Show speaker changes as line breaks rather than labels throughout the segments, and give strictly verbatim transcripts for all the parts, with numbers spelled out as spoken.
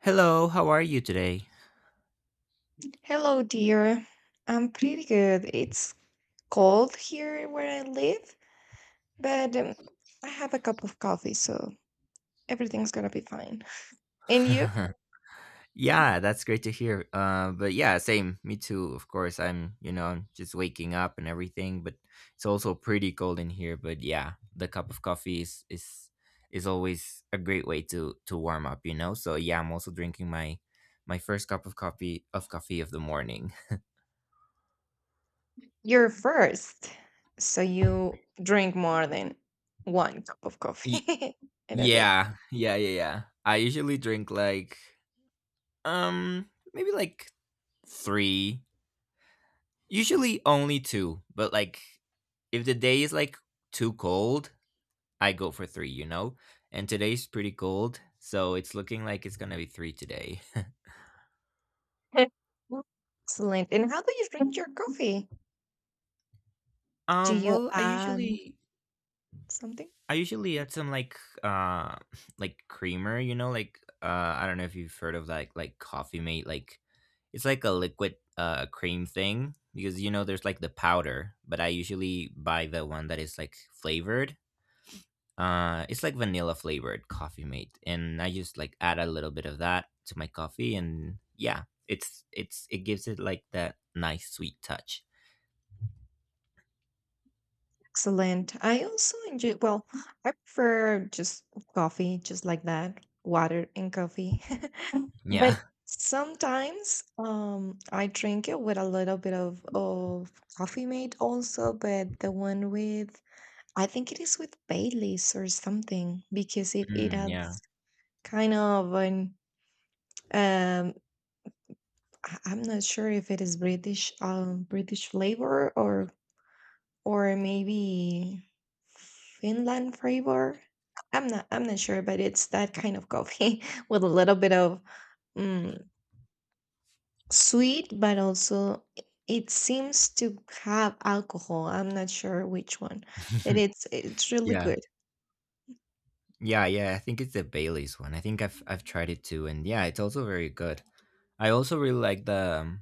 Hello, how are you today?
Hello, dear. I'm pretty good. It's cold here where I live, but um, I have a cup of coffee, so everything's gonna be fine. And you?
Yeah, that's great to hear. Uh, but yeah, same, me too. Of course, I'm, you know, I'm just waking up and everything, but it's also pretty cold in here. But yeah, the cup of coffee is is is always a great way to to warm up, you know. So yeah, I'm also drinking my my first cup of coffee of coffee of the morning.
You're first, so you drink more than one cup of
Y-
coffee in a day.
yeah, yeah, yeah, yeah. I usually drink like um maybe like three. Usually only two, but like if the day is like too cold, I go for three, you know? And today's pretty cold, so it's looking like it's gonna be three today.
Excellent. And how do you drink your coffee? Do
Um,
you
well, I
add
usually
something?
I usually add some like uh like creamer, you know, like uh I don't know if you've heard of like like Coffee Mate, like it's like a liquid uh cream thing because you know there's like the powder, but I usually buy the one that is like flavored. Uh, it's like vanilla flavored coffee mate, and I just like add a little bit of that to my coffee, and yeah, it's it's it gives it like that nice sweet touch.
Excellent. I also enjoy, well, I prefer just coffee, just like that, water and coffee.
Yeah.
But sometimes um, I drink it with a little bit of, of coffee mate also, but the one with, I think it is with Baileys or something because it, it
Mm, yeah.
has kind of an, um, I- I'm not sure if it is British, um, British flavor or, or maybe Finland flavor. I'm not, I'm not sure, but it's that kind of coffee with a little bit of, mm, sweet, but also it seems to have alcohol. I'm not sure which one, but it's it's really
Yeah,
good.
yeah, yeah. I think it's the Bailey's one. I think I've I've tried it too, and yeah, it's also very good. I also really like the um,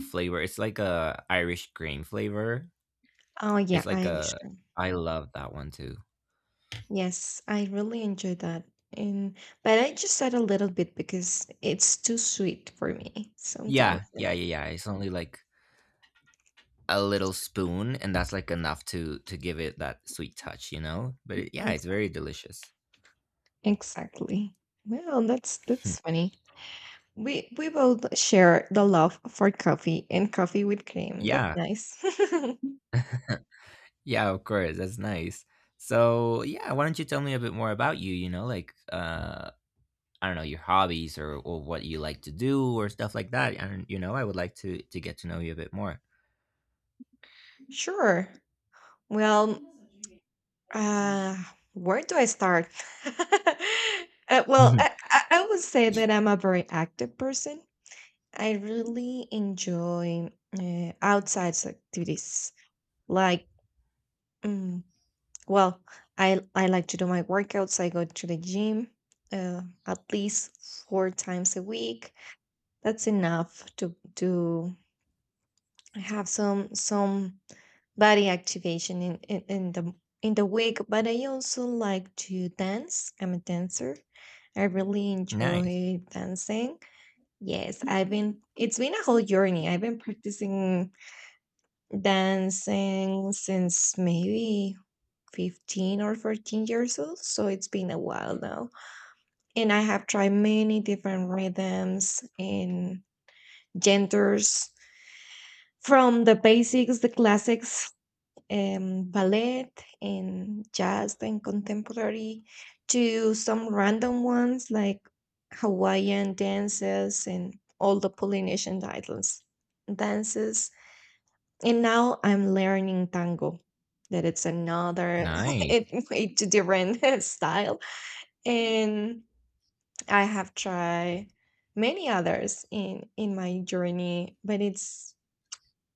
flavor. It's like a Irish cream flavor.
Oh
It's
yeah,
like
Irish
a—
one.
I love that one too.
Yes, I really enjoy that. And but I just add a little bit because it's too sweet for me sometimes.
Yeah, yeah,
And
yeah, yeah. It's only like a little
just
spoon and that's like enough to to give it that sweet touch, you know, but it, yeah, it's
exa-
very delicious.
exactly. Well, that's that's funny. We we both share the love for coffee and coffee with cream. That's
Yeah.
nice.
Yeah, of course, that's nice. So yeah, why don't you tell me a bit more about you you know like uh I don't know, your hobbies, or, or what you like to do or stuff like that, and you know, I would like to to get to know you a bit more.
Sure. Well, Uh, where do I start? Uh, well, I, I, I would say that I'm a very active person. I really enjoy uh, outside activities. Like, mm, well, I I like to do my workouts. I go to the gym uh, at least four times a week. That's enough to to have some some body activation in in, in the in the week. But I also like to dance. I'm a dancer. I really
Nice.
enjoy dancing. Yes, I've been, it's been a whole journey. I've been practicing dancing since maybe fifteen or fourteen years old. So it's been a while now. And I have tried many different rhythms and genders from the basics, the classics, um, ballet and jazz and contemporary to some random ones like Hawaiian dances and all the Polynesian islands dances. And now I'm learning tango, that it's another
Nice.
it, it's a different style. And I have tried many others in in my journey, but it's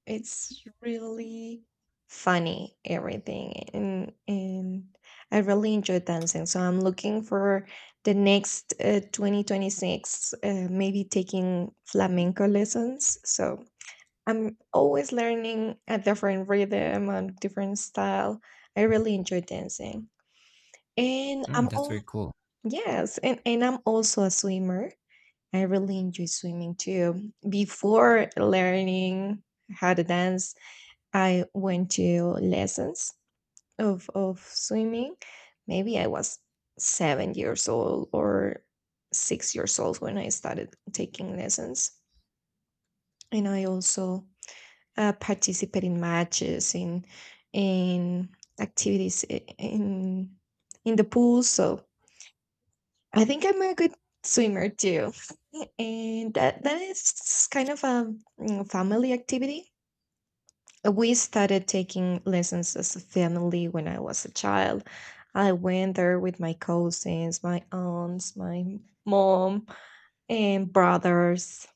it's really funny, everything, and and I really enjoy dancing. So I'm looking for the next uh, twenty twenty-six, uh, maybe taking flamenco lessons. So I'm always learning a different rhythm and different style. I really enjoy dancing. And
Mm,
I'm
that's
all
very cool.
yes, and, and I'm also a swimmer. I really enjoy swimming too. Before learning how to dance, I went to lessons of of swimming. Maybe I was seven years old or six years old when I started taking lessons, and I also uh, participate in matches in in activities i- in in the pool. So I think I'm a good swimmer too, and that that is kind of a mm, family activity. We started taking lessons as a family when I was a child. I went there with my cousins, my aunts, my mom, and brothers.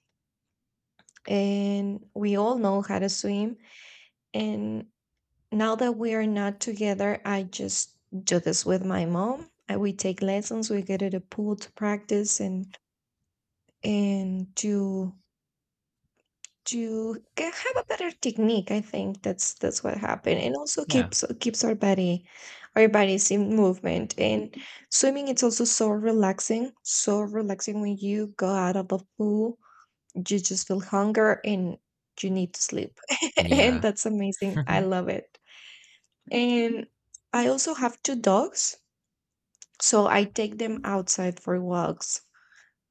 And we all know how to swim. And now that we are not together, I just do this with my mom. And we take lessons, we go to the pool to practice and and to to get, have a better technique. I think that's that's what happened, and also
Yeah.
keeps keeps our body, our bodies in movement. And swimming, it's also so relaxing, so relaxing when you go out of the pool. You just feel hunger and you need to sleep, and
Yeah.
that's amazing. I love it. And I also have two dogs, so I take them outside for walks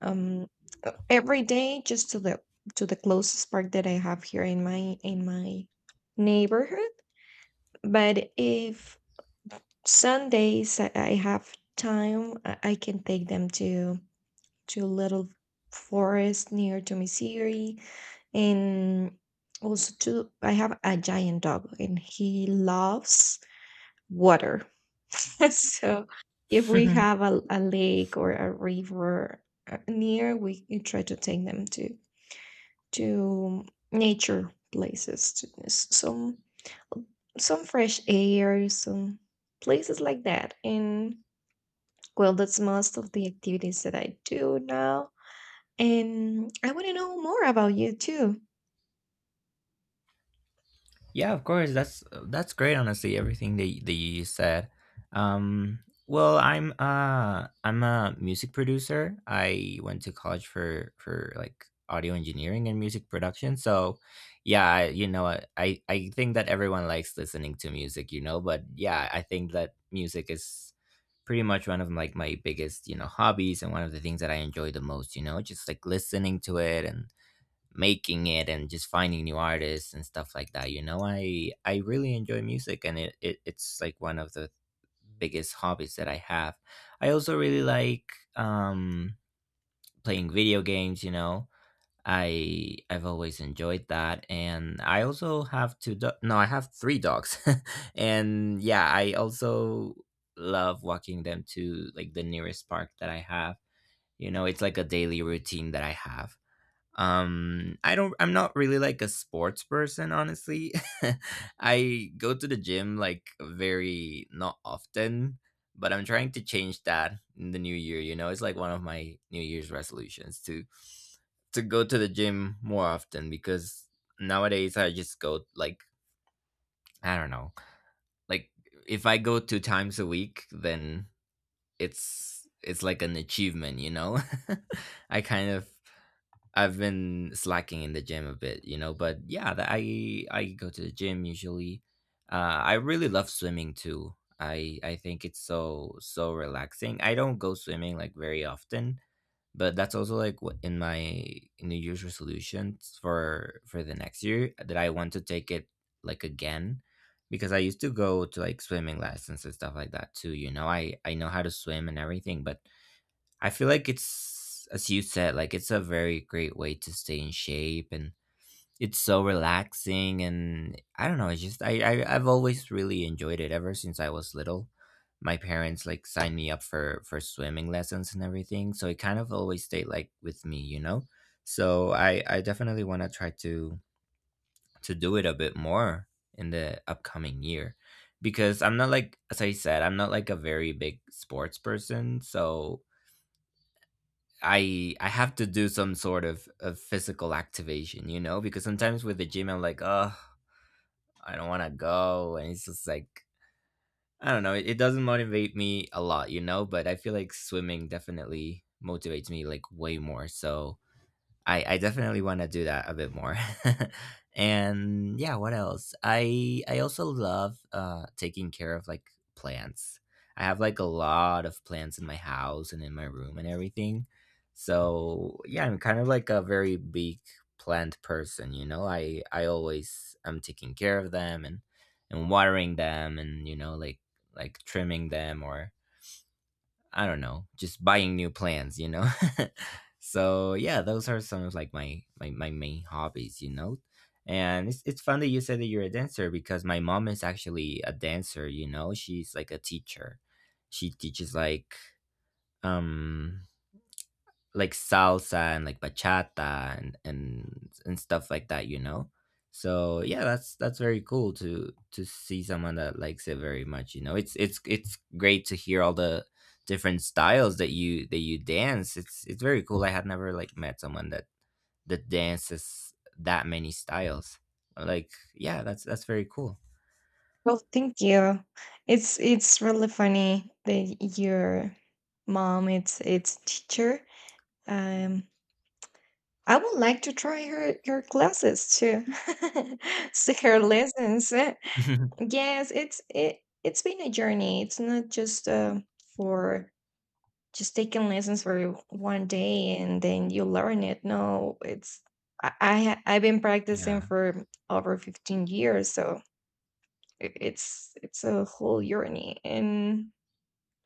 um uh, every day, just to the to the closest park that I have here in my in my neighborhood. But if Sundays i I have time, i I can take them to to a little forest near to Missouri. And also to, I have a giant dog and he loves water. So if we have a, a lake or a river uh, near, we we try to take them to to nature places, to s- some some fresh air, some places like that. And well, that's most of the activities that I do now. And I want to know more about you too.
Yeah, of course. That's that's great. Honestly, everything that y- that you said. Um, well, I'm uh I'm a music producer. I went to college for for like audio engineering and music production. So, yeah, I- you know, I I I think that everyone likes listening to music. You know, but yeah, I think that music is pretty much one of like my biggest, you know, hobbies and one of the things that I enjoy the most. You know, just like listening to it and making it and just finding new artists and stuff like that, you know. i i really enjoy music and it, it it's like one of the biggest hobbies that I have. I also really like um playing video games, you know. I i've always enjoyed that. And I also have two do- no I have three dogs and yeah, I also love walking them to like the nearest park that I have. You know, it's like a daily routine that I have. um i don't I'm not really like a sports person, honestly. I go to the gym like very not often, but I'm trying to change that in the new year. You know, it's like one of my New Year's resolutions to to go to the gym more often, because nowadays I just go like, I don't know, like if I go two times a week, then it's it's like an achievement, you know. I kind of— I've been slacking in the gym a bit, you know, but yeah, that— I I go to the gym usually. Uh, I really love swimming too. I I think it's so so relaxing. I don't go swimming like very often, but that's also like what in my New Year's resolutions for for the next year, that I want to take it like again, because I used to go to like swimming lessons and stuff like that too, you know. I I know how to swim and everything, but I feel like it's, as you said, like it's a very great way to stay in shape and it's so relaxing. And I don't know, it's just, I, I, I've always really enjoyed it ever since I was little. My parents like signed me up for, for swimming lessons and everything. So it kind of always stayed like with me, you know? So I, I definitely want to try to, to do it a bit more in the upcoming year, because I'm not like, as I said, I'm not like a very big sports person. So I I have to do some sort of, of physical activation, you know, because sometimes with the gym I'm like, oh, I don't want to go, and it's just like— I don't know, it, it doesn't motivate me a lot, you know, but I feel like swimming definitely motivates me like way more. So I, I definitely want to do that a bit more. And yeah, what else? I I also love uh taking care of like plants. I have like a lot of plants in my house and in my room and everything. So, yeah, I'm kind of like a very big plant person, you know? I I always am taking care of them and and watering them and, you know, like like trimming them, or I don't know, just buying new plants, you know. So yeah, those are some of like my my, my main hobbies, you know. And it's it's fun that you said that you're a dancer, because my mom is actually a dancer, you know. She's like a teacher. She teaches like um like salsa and like bachata and and and stuff like that, you know. So yeah, that's that's very cool to to see someone that likes it very much, you know. It's it's it's great to hear all the different styles that you that you dance. it's it's very cool. I had never like met someone that that dances that many styles. Like yeah, that's that's very cool.
Well, thank you. It's it's really funny that your mom it's it's teacher. Um, I would like to try her your classes too, see her lessons. Yes, it's it it's been a journey. It's not just uh, for just taking lessons for one day and then you learn it. No, it's I, I ha- I've been practicing
Yeah,
for over fifteen years, so i- it's it's a whole journey and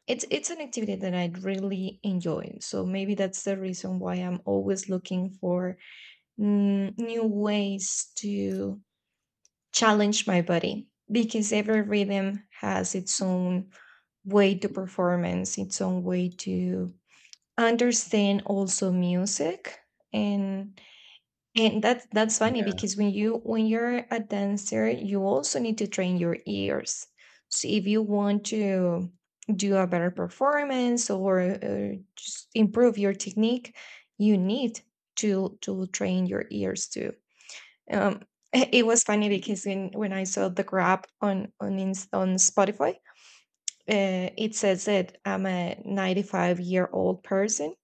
it's it's an activity that I really enjoy. So maybe that's the reason why I'm always looking for mm, new ways to challenge my body because every rhythm has its own way to performance, its own way to understand also music. And and that's that's funny
yeah,
because when you when you're a dancer, you also need to train your ears. So if you want to do a better performance or uh, just improve your technique, you need to to train your ears too. Um, it was funny because when, when I saw the grab on on Ins- on Spotify, uh, it says that I'm a ninety-five year old person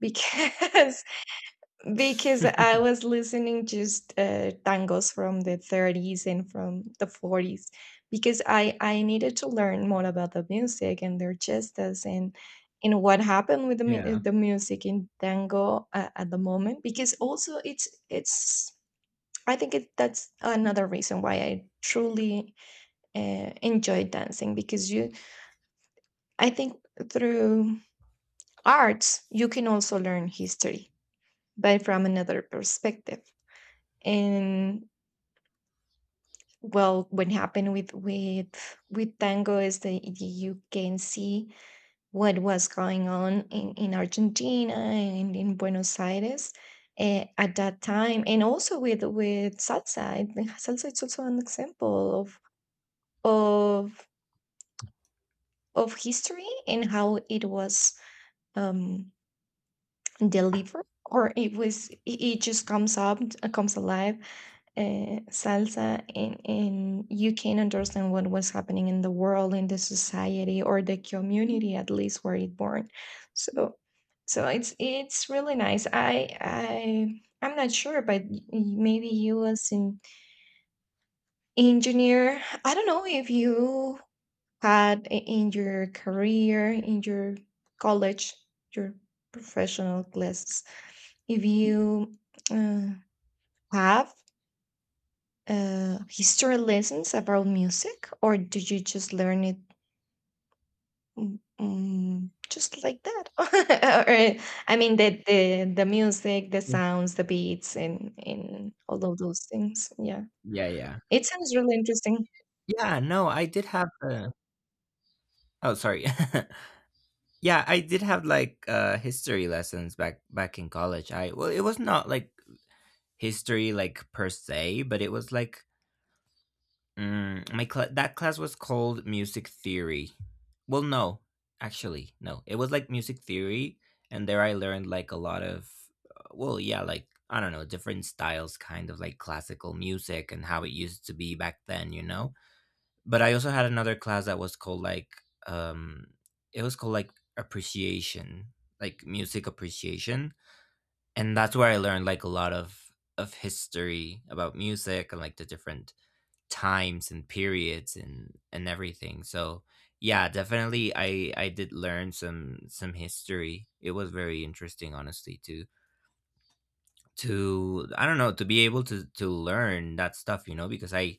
because because I was listening just uh, tangos from the thirties and from the forties because I I needed to learn more about the music and their gestas and and what happened with the mu-
yeah,
the music in tango uh, at the moment because also it's it's I think it, that's another reason why I truly uh, enjoy dancing because you I think through arts, you can also learn history, but from another perspective. And well, what happened with with with tango is that you can see what was going on in, in Argentina and in Buenos Aires, eh, at that time, and also with with salsa. I think salsa is also an example of of of history and how it was um, delivered, or it was it, it just comes up, comes alive, uh, salsa, and, and you can understand what was happening in the world, in the society or the community at least where it born. So so it's it's really nice. i i I'm not sure, but y- maybe you as an engineer, I don't know if you had i- in your career, in your college, your professional classes, if you uh, have uh, history lessons about music, or do you just learn it mm, mm, just like that? Or, I mean, the, the the music, the sounds, the beats, and and all of those things. Yeah,
yeah, yeah,
it sounds really interesting.
yeah. no I did have a, Oh, sorry. Yeah, I did have like uh history lessons back back in college. I— well, it was not like history like per se, but it was like mm, my cl- that class was called music theory. Well, no, actually, no. It was like music theory, and there I learned like a lot of uh, well, yeah, like I don't know, different styles, kind of like classical music and how it used to be back then, you know. But I also had another class that was called like um it was called like appreciation, like music appreciation, and that's where I learned like a lot of of history about music and like the different times and periods and and everything. So yeah, definitely I I did learn some some history. It was very interesting, honestly, to to I don't know, to be able to to learn that stuff, you know, because I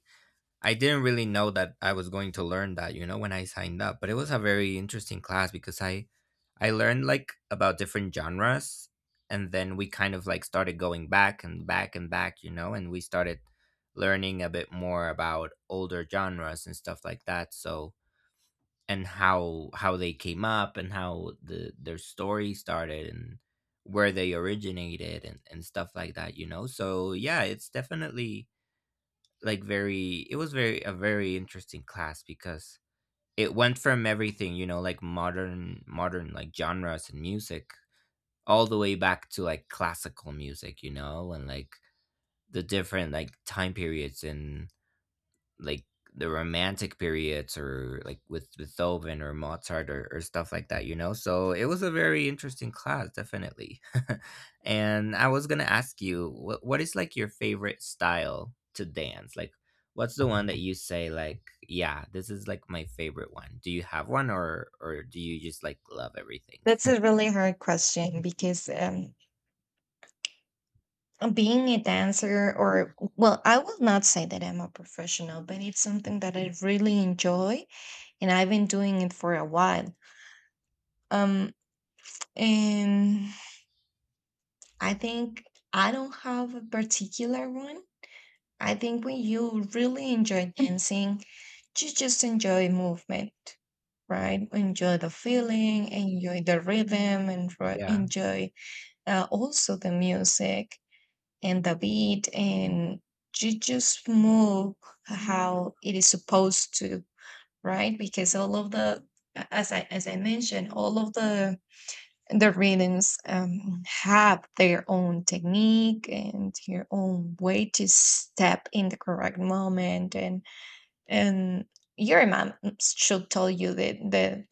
I didn't really know that I was going to learn that, you know, when I signed up, but it was a very interesting class, because I I learned like about different genres, and then we kind of like started going back and back and back, you know, and we started learning a bit more about older genres and stuff like that. So, and how how they came up, and how the their story started, and where they originated and and stuff like that, you know. So, yeah, it's definitely like very it was very— a very interesting class, because it went from everything, you know, like modern modern like genres and music, all the way back to like classical music, you know, and like the different like time periods, and like the romantic periods, or like with Beethoven or Mozart, or, or stuff like that, you know. So it was a very interesting class, definitely. And I was gonna ask you, what what is like your favorite style to dance? Like what's the one that you say like, yeah, this is like my favorite one. Do you have one, or or do you just like love everything?
That's a really hard question because um, being a dancer, or well, I will not say that I'm a professional, but it's something that I really enjoy, and I've been doing it for a while. Um, and I think I don't have a particular one. I think when you really enjoy dancing, you just enjoy movement, right? Enjoy the feeling, enjoy the rhythm, and ro-
Yeah.
enjoy uh, also the music and the beat, and you just move how it is supposed to, right? Because all of the, as I as I mentioned, all of the the readings um, have their own technique and their own way to step in the correct moment, and and your mom should tell you the the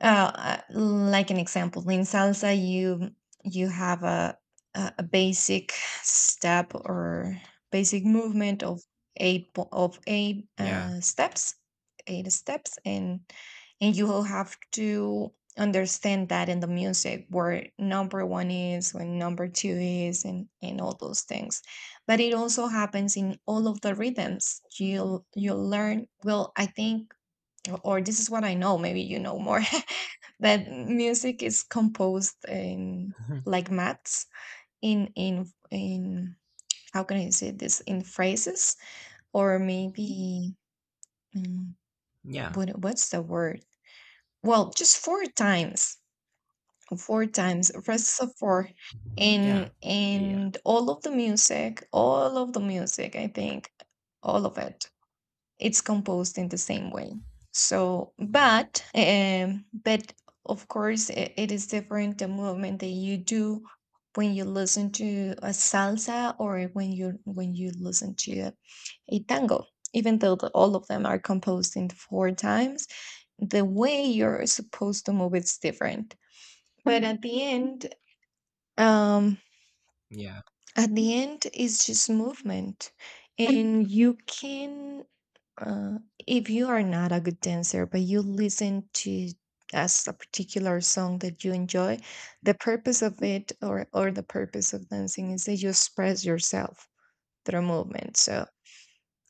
uh, uh, like an example, in salsa, you you have a a a basic step or basic movement of eight po- of eight
Yeah.
uh, steps, eight steps, and and you will have to understand that in the music where number one is, when number two is, and and all those things. But it also happens in all of the rhythms you'll you'll learn. Well, I think, or this is what I know, maybe you know more, that music is composed in like maths, in in in how can I say this, in phrases, or maybe, mm,
Yeah.
what what's the word? Well, just four times, four times, phrases of four,
Yeah.
and
Yeah.
and all of the music, all of the music, I think, all of it, it's composed in the same way. So, but um, but of course, it, it is different the movement that you do when you listen to a salsa or when you when you listen to a, a tango. Even though the, all of them are composed in four times, the way you're supposed to move is different. But at the end, um,
Yeah.
at the end, it's just movement, and you can uh, if you are not a good dancer, but you listen to as a particular song that you enjoy, the purpose of it, or or the purpose of dancing, is that you express yourself through movement. So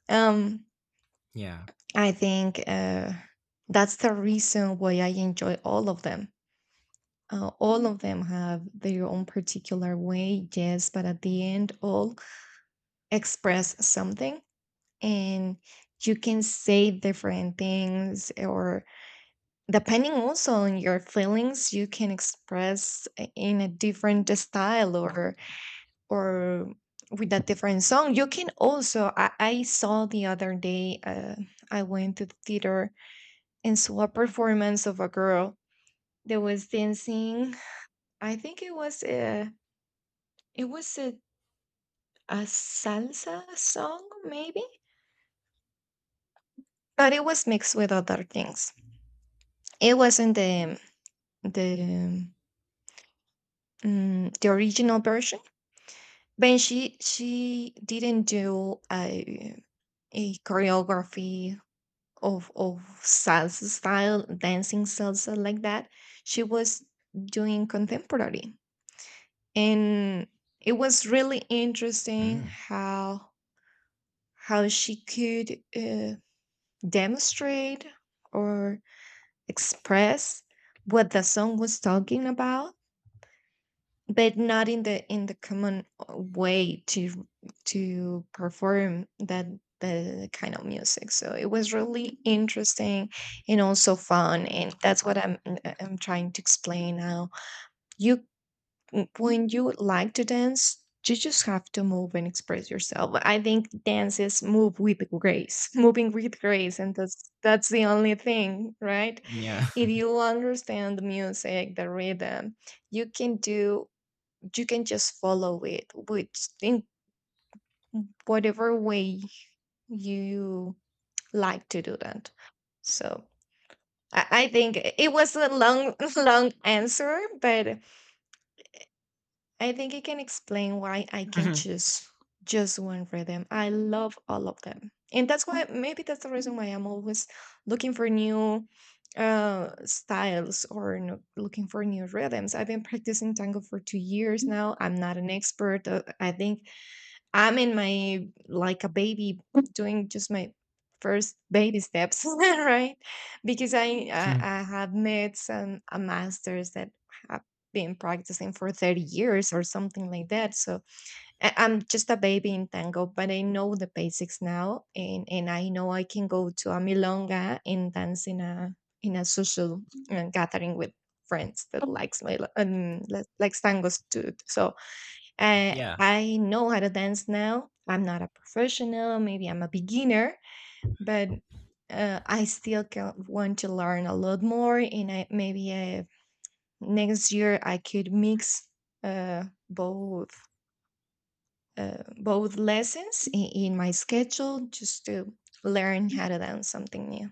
um,
Yeah.
I think uh, that's the reason why I enjoy all of them. Uh, all of them have their own particular way, yes, but at the end, all express something, and you can say different things or Depending also on your feelings, you can express i- in a different style or or with a different song. You can also I, I saw the other day uh, I went to the theater and saw a performance of a girl that was dancing. I think it was a it was a, a salsa song maybe, but it was mixed with other things. It wasn't the the um, the original version. But she she didn't do a a choreography of of salsa style, dancing salsa like that. She was doing contemporary, and it was really interesting
Mm.
how how she could uh, demonstrate or express what the song was talking about, but not in the in the common uh, way to to perform that, the kind of music. So it was really interesting and also fun, and that's what i'm uh, i'm trying to explain now. you mm, when you like to dance, you just have to move and express yourself. I think dance is move with grace moving with grace, and that's that's the only thing, right?
Yeah.
If you understand the music, the rhythm, you can do you can just follow it with, in whatever way you like to do that. So I, I think i- it was a long, long answer, but I think it can explain why I can choose just one rhythm. I love all of them. And that's why, maybe that's the reason why I'm always looking for new uh styles or n- looking for new rhythms. I've been practicing tango for two years now. I'm not an expert. uh, I think I'm in my like a baby doing just my first baby steps, right? Because I I, I have met some a masters that have been practicing for thirty years or something like that. So I, I'm just a baby in tango, but I know the basics now, and, and I know I can go to a milonga and dance in a in a social uh, gathering with friends that likes my um, li- likes tangos too. So I
Yeah.
I know how to dance now. I'm not a professional, maybe I'm a beginner, but uh, I still can, want to learn a lot more. And I, maybe uh, next year I could mix uh, both uh, both lessons in, in my schedule just to learn how to dance something new.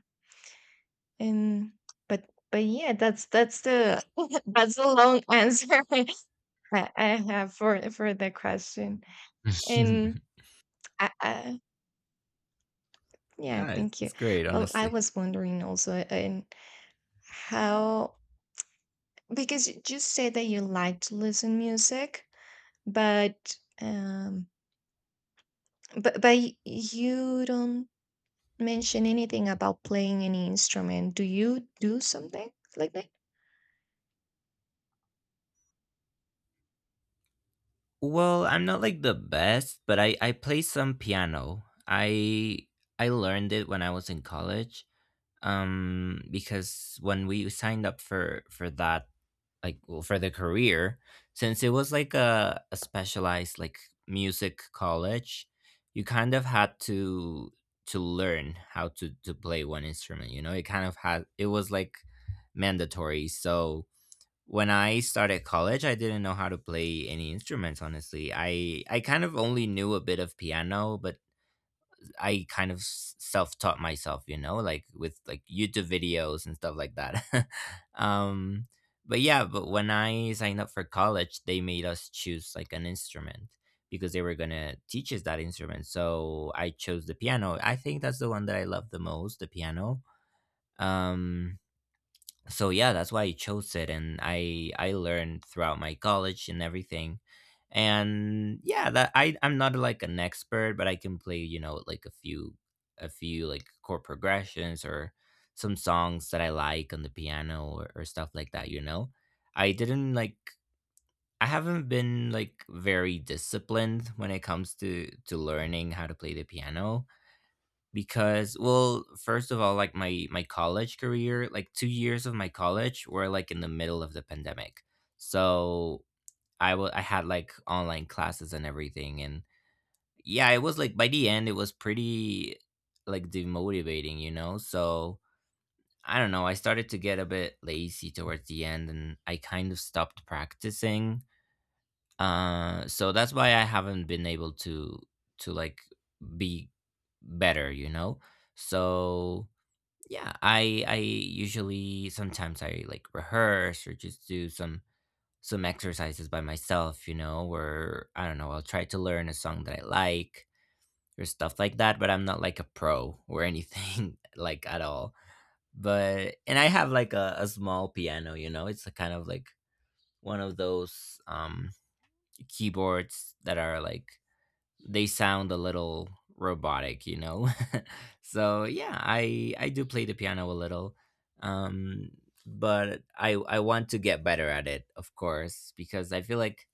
And but but yeah, that's that's the that's the long answer I, I have for for the question. And I, I yeah,
Yeah, it's,
thank you.
it's great,
Well, I
honestly.
was wondering also uh, in how, because you just said that you like to listen music, but um but but y- you don't mention anything about playing any instrument. Do you do something like that?
Well, I'm not like the best, but I I play some piano. I I learned it when I was in college. Um, because when we signed up for for that, like, well, for the career, since it was like a, a specialized like music college, you kind of had to to learn how to to play one instrument. You know, it kind of had— it was like mandatory. So when I started college, I didn't know how to play any instruments. Honestly, I I kind of only knew a bit of piano, but I kind of self taught myself. You know, like with like YouTube videos and stuff like that. um, but yeah, but when I signed up for college, they made us choose like an instrument because they were gonna teach us that instrument. So I chose the piano. I think that's the one that I love the most, the piano. Um, so yeah, that's why I chose it, and i i learned throughout my college and everything. And yeah, that I i'm not like an expert, but I can play, you know, like a few a few like chord progressions or some songs that I like on the piano, or, or stuff like that, you know. I didn't like, I haven't been like very disciplined when it comes to to learning how to play the piano, because well, first of all, like my my college career, like two years of my college were like in the middle of the pandemic. So i was I had like online classes and everything, and yeah, it was like by the end it was pretty like demotivating, you know. So I don't know, I started to get a bit lazy towards the end, and I kind of stopped practicing. Uh so that's why I haven't been able to to like be better, you know. So yeah, I I usually, sometimes I like rehearse or just do some some exercises by myself. You know, where I don't know, I'll try to learn a song that I like or stuff like that, but I'm not like a pro or anything like at all. But and I have like a, a small piano, you know. It's a kind of like one of those um keyboards that are like, they sound a little robotic, you know. So yeah, I I do play the piano a little, um, but I I want to get better at it, of course, because I feel like,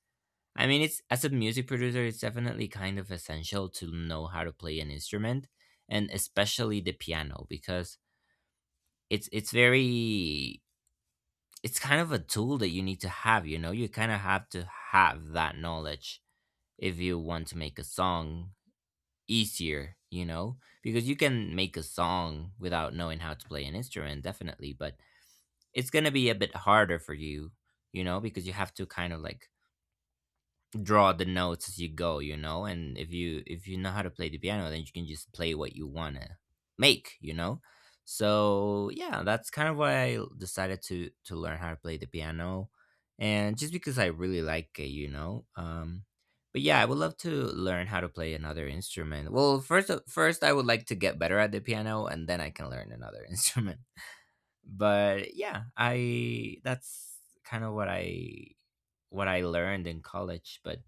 I mean, it's, as a music producer, it's definitely kind of essential to know how to play an instrument, and especially the piano, because it's it's very, it's kind of a tool that you need to have, you know. You kind of have to have that knowledge if you want to make a song easier, you know, because you can make a song without knowing how to play an instrument, definitely, but it's gonna be a bit harder for you, you know, because you have to kind of like draw the notes as you go, you know. And if you if you know how to play the piano, then you can just play what you want to make, you know. So yeah, that's kind of why I decided to to learn how to play the piano, and just because I really like it, you know. Um but yeah, I would love to learn how to play another instrument. Well, first of- first I would like to get better at the piano, and then I can learn another instrument. But yeah, I that's kind of what I, what I learned in college. But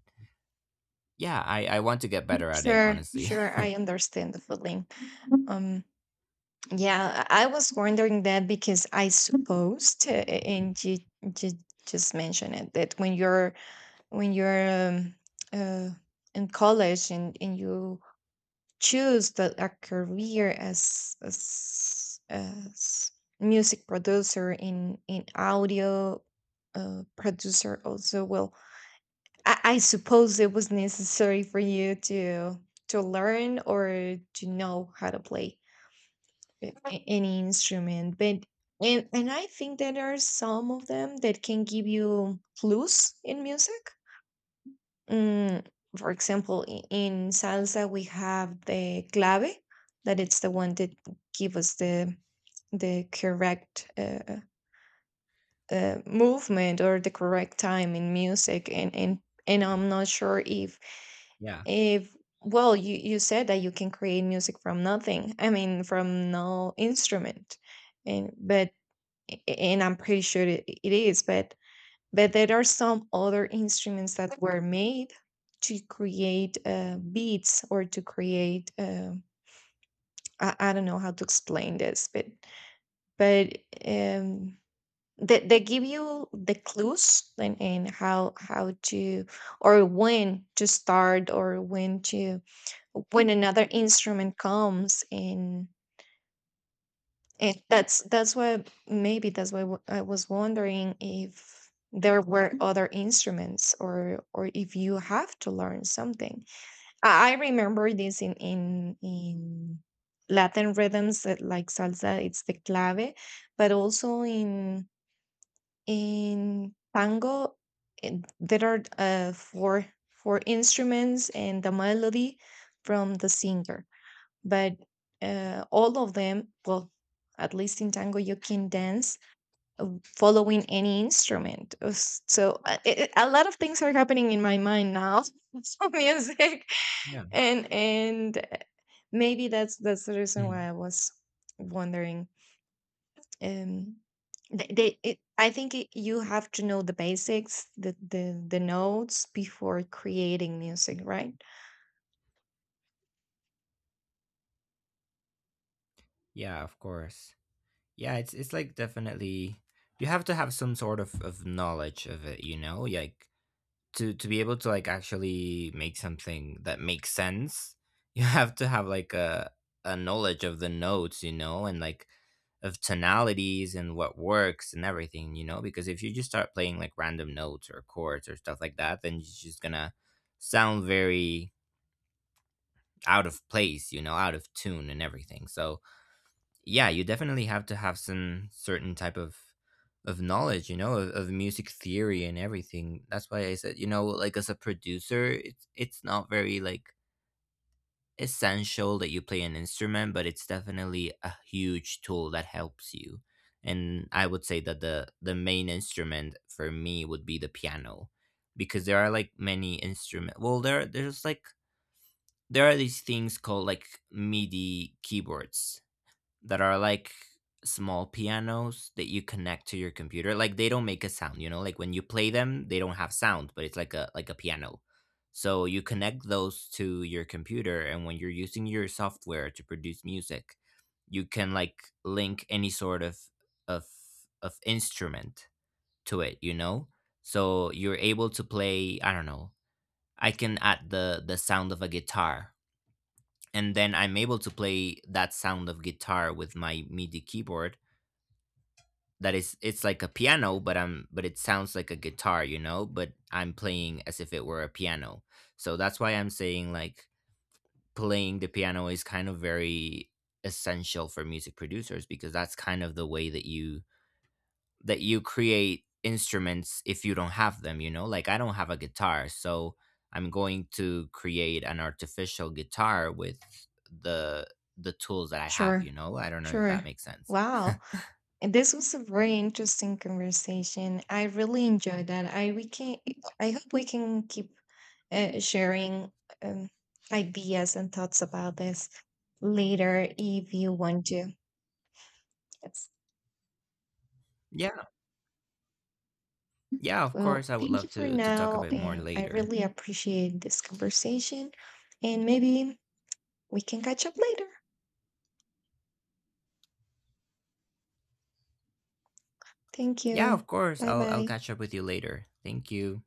yeah, I, I want to get better at it,
Sure,
honestly.
sure. I understand the feeling. Um, yeah, I I was wondering that because I supposed, uh, and you, you just mentioned it, that when you're when you're um, uh, in college, and, and you choose the, a career as as as music producer, in in audio uh, producer also. Well, I, I suppose it was necessary for you to to learn or to know how to play a- a- any instrument. But and and I think that there are some of them that can give you clues in music. Mm, for example in, in salsa we have the clave, that it's the one that give us the the correct uh, uh, movement, or the correct time in music. And and and I'm not sure if.
Yeah,
If well, you you said that you can create music from nothing. I mean, from no instrument, and but, and I'm pretty sure it, it is. But but there are some other instruments that were made to create uh, beats or to create. Uh, I, I don't know how to explain this, but but um, they they give you the clues, and and how how to, or when to start, or when to when another instrument comes in. And that's that's why maybe that's why w- I was wondering if there were other instruments, or or if you have to learn something. I, I remember this in in in latin rhythms, that like salsa it's the clave, but also in in tango, eh, there are uh, four four instruments and the melody from the singer. But uh, all of them, well, at least in tango you can dance uh, following any instrument. Uh, s- so uh, i i- a lot of things are happening in my mind now. So music,
yeah.
and and uh, maybe that's that's the reason
Mhm.
why I was wondering. Um, they, they it, I think it, you have to know the basics, the, the the notes before creating music, right?
Yeah. Of course. Yeah, it's it's like definitely, you have to have some sort of of knowledge of it, you know, like to to be able to like actually make something that makes sense. You have to have like a a knowledge of the notes, you know, and like of tonalities and what works and everything, you know, because if you just start playing like random notes or chords or stuff like that, then it's just gonna sound very out of place, you know, out of tune and everything. So yeah, you definitely have to have some certain type of of knowledge, you know, of, of music theory and everything. That's why I said, you know, like as a producer, it's it's not very like essential that you play an instrument, but it's definitely a huge tool that helps you. And I would say that the the main instrument for me would be the piano, because there are like many instrument, well, there there's like there are these things called like MIDI keyboards that are like small pianos that you connect to your computer. Like they don't make a sound, you know? Like when you play them, they don't have sound, but it's like a, like a piano. So you connect those to your computer, and when you're using your software to produce music, you can like link any sort of of of instrument to it, you know? So you're able to play, I don't know. I can add the the sound of a guitar, and then I'm able to play that sound of guitar with my M I D I keyboard. That is, it's like a piano, but I'm, but it sounds like a guitar, you know. But I'm playing as if it were a piano. So that's why I'm saying, like, playing the piano is kind of very essential for music producers, because that's kind of the way that you that you create instruments if you don't have them, you know? Like I don't have a guitar, so I'm going to create an artificial guitar with the the tools that I have, you
Sure,
know? I don't know if that
sure.
makes sense.
Wow. And this was a very interesting conversation. I really enjoyed that. I we can i hope we can keep uh, sharing um, ideas and thoughts about this later, if you want to. Yes.
Yeah. Yeah, of course
Well,
I would
thank
love
you for
to to talk a
now.
bit more
And I
later.
really appreciate this conversation. And maybe we can catch up later. Thank
Yeah,
you.
of course.
Bye
I'll I'll
bye.
catch up with you later. Thank you.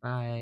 Bye.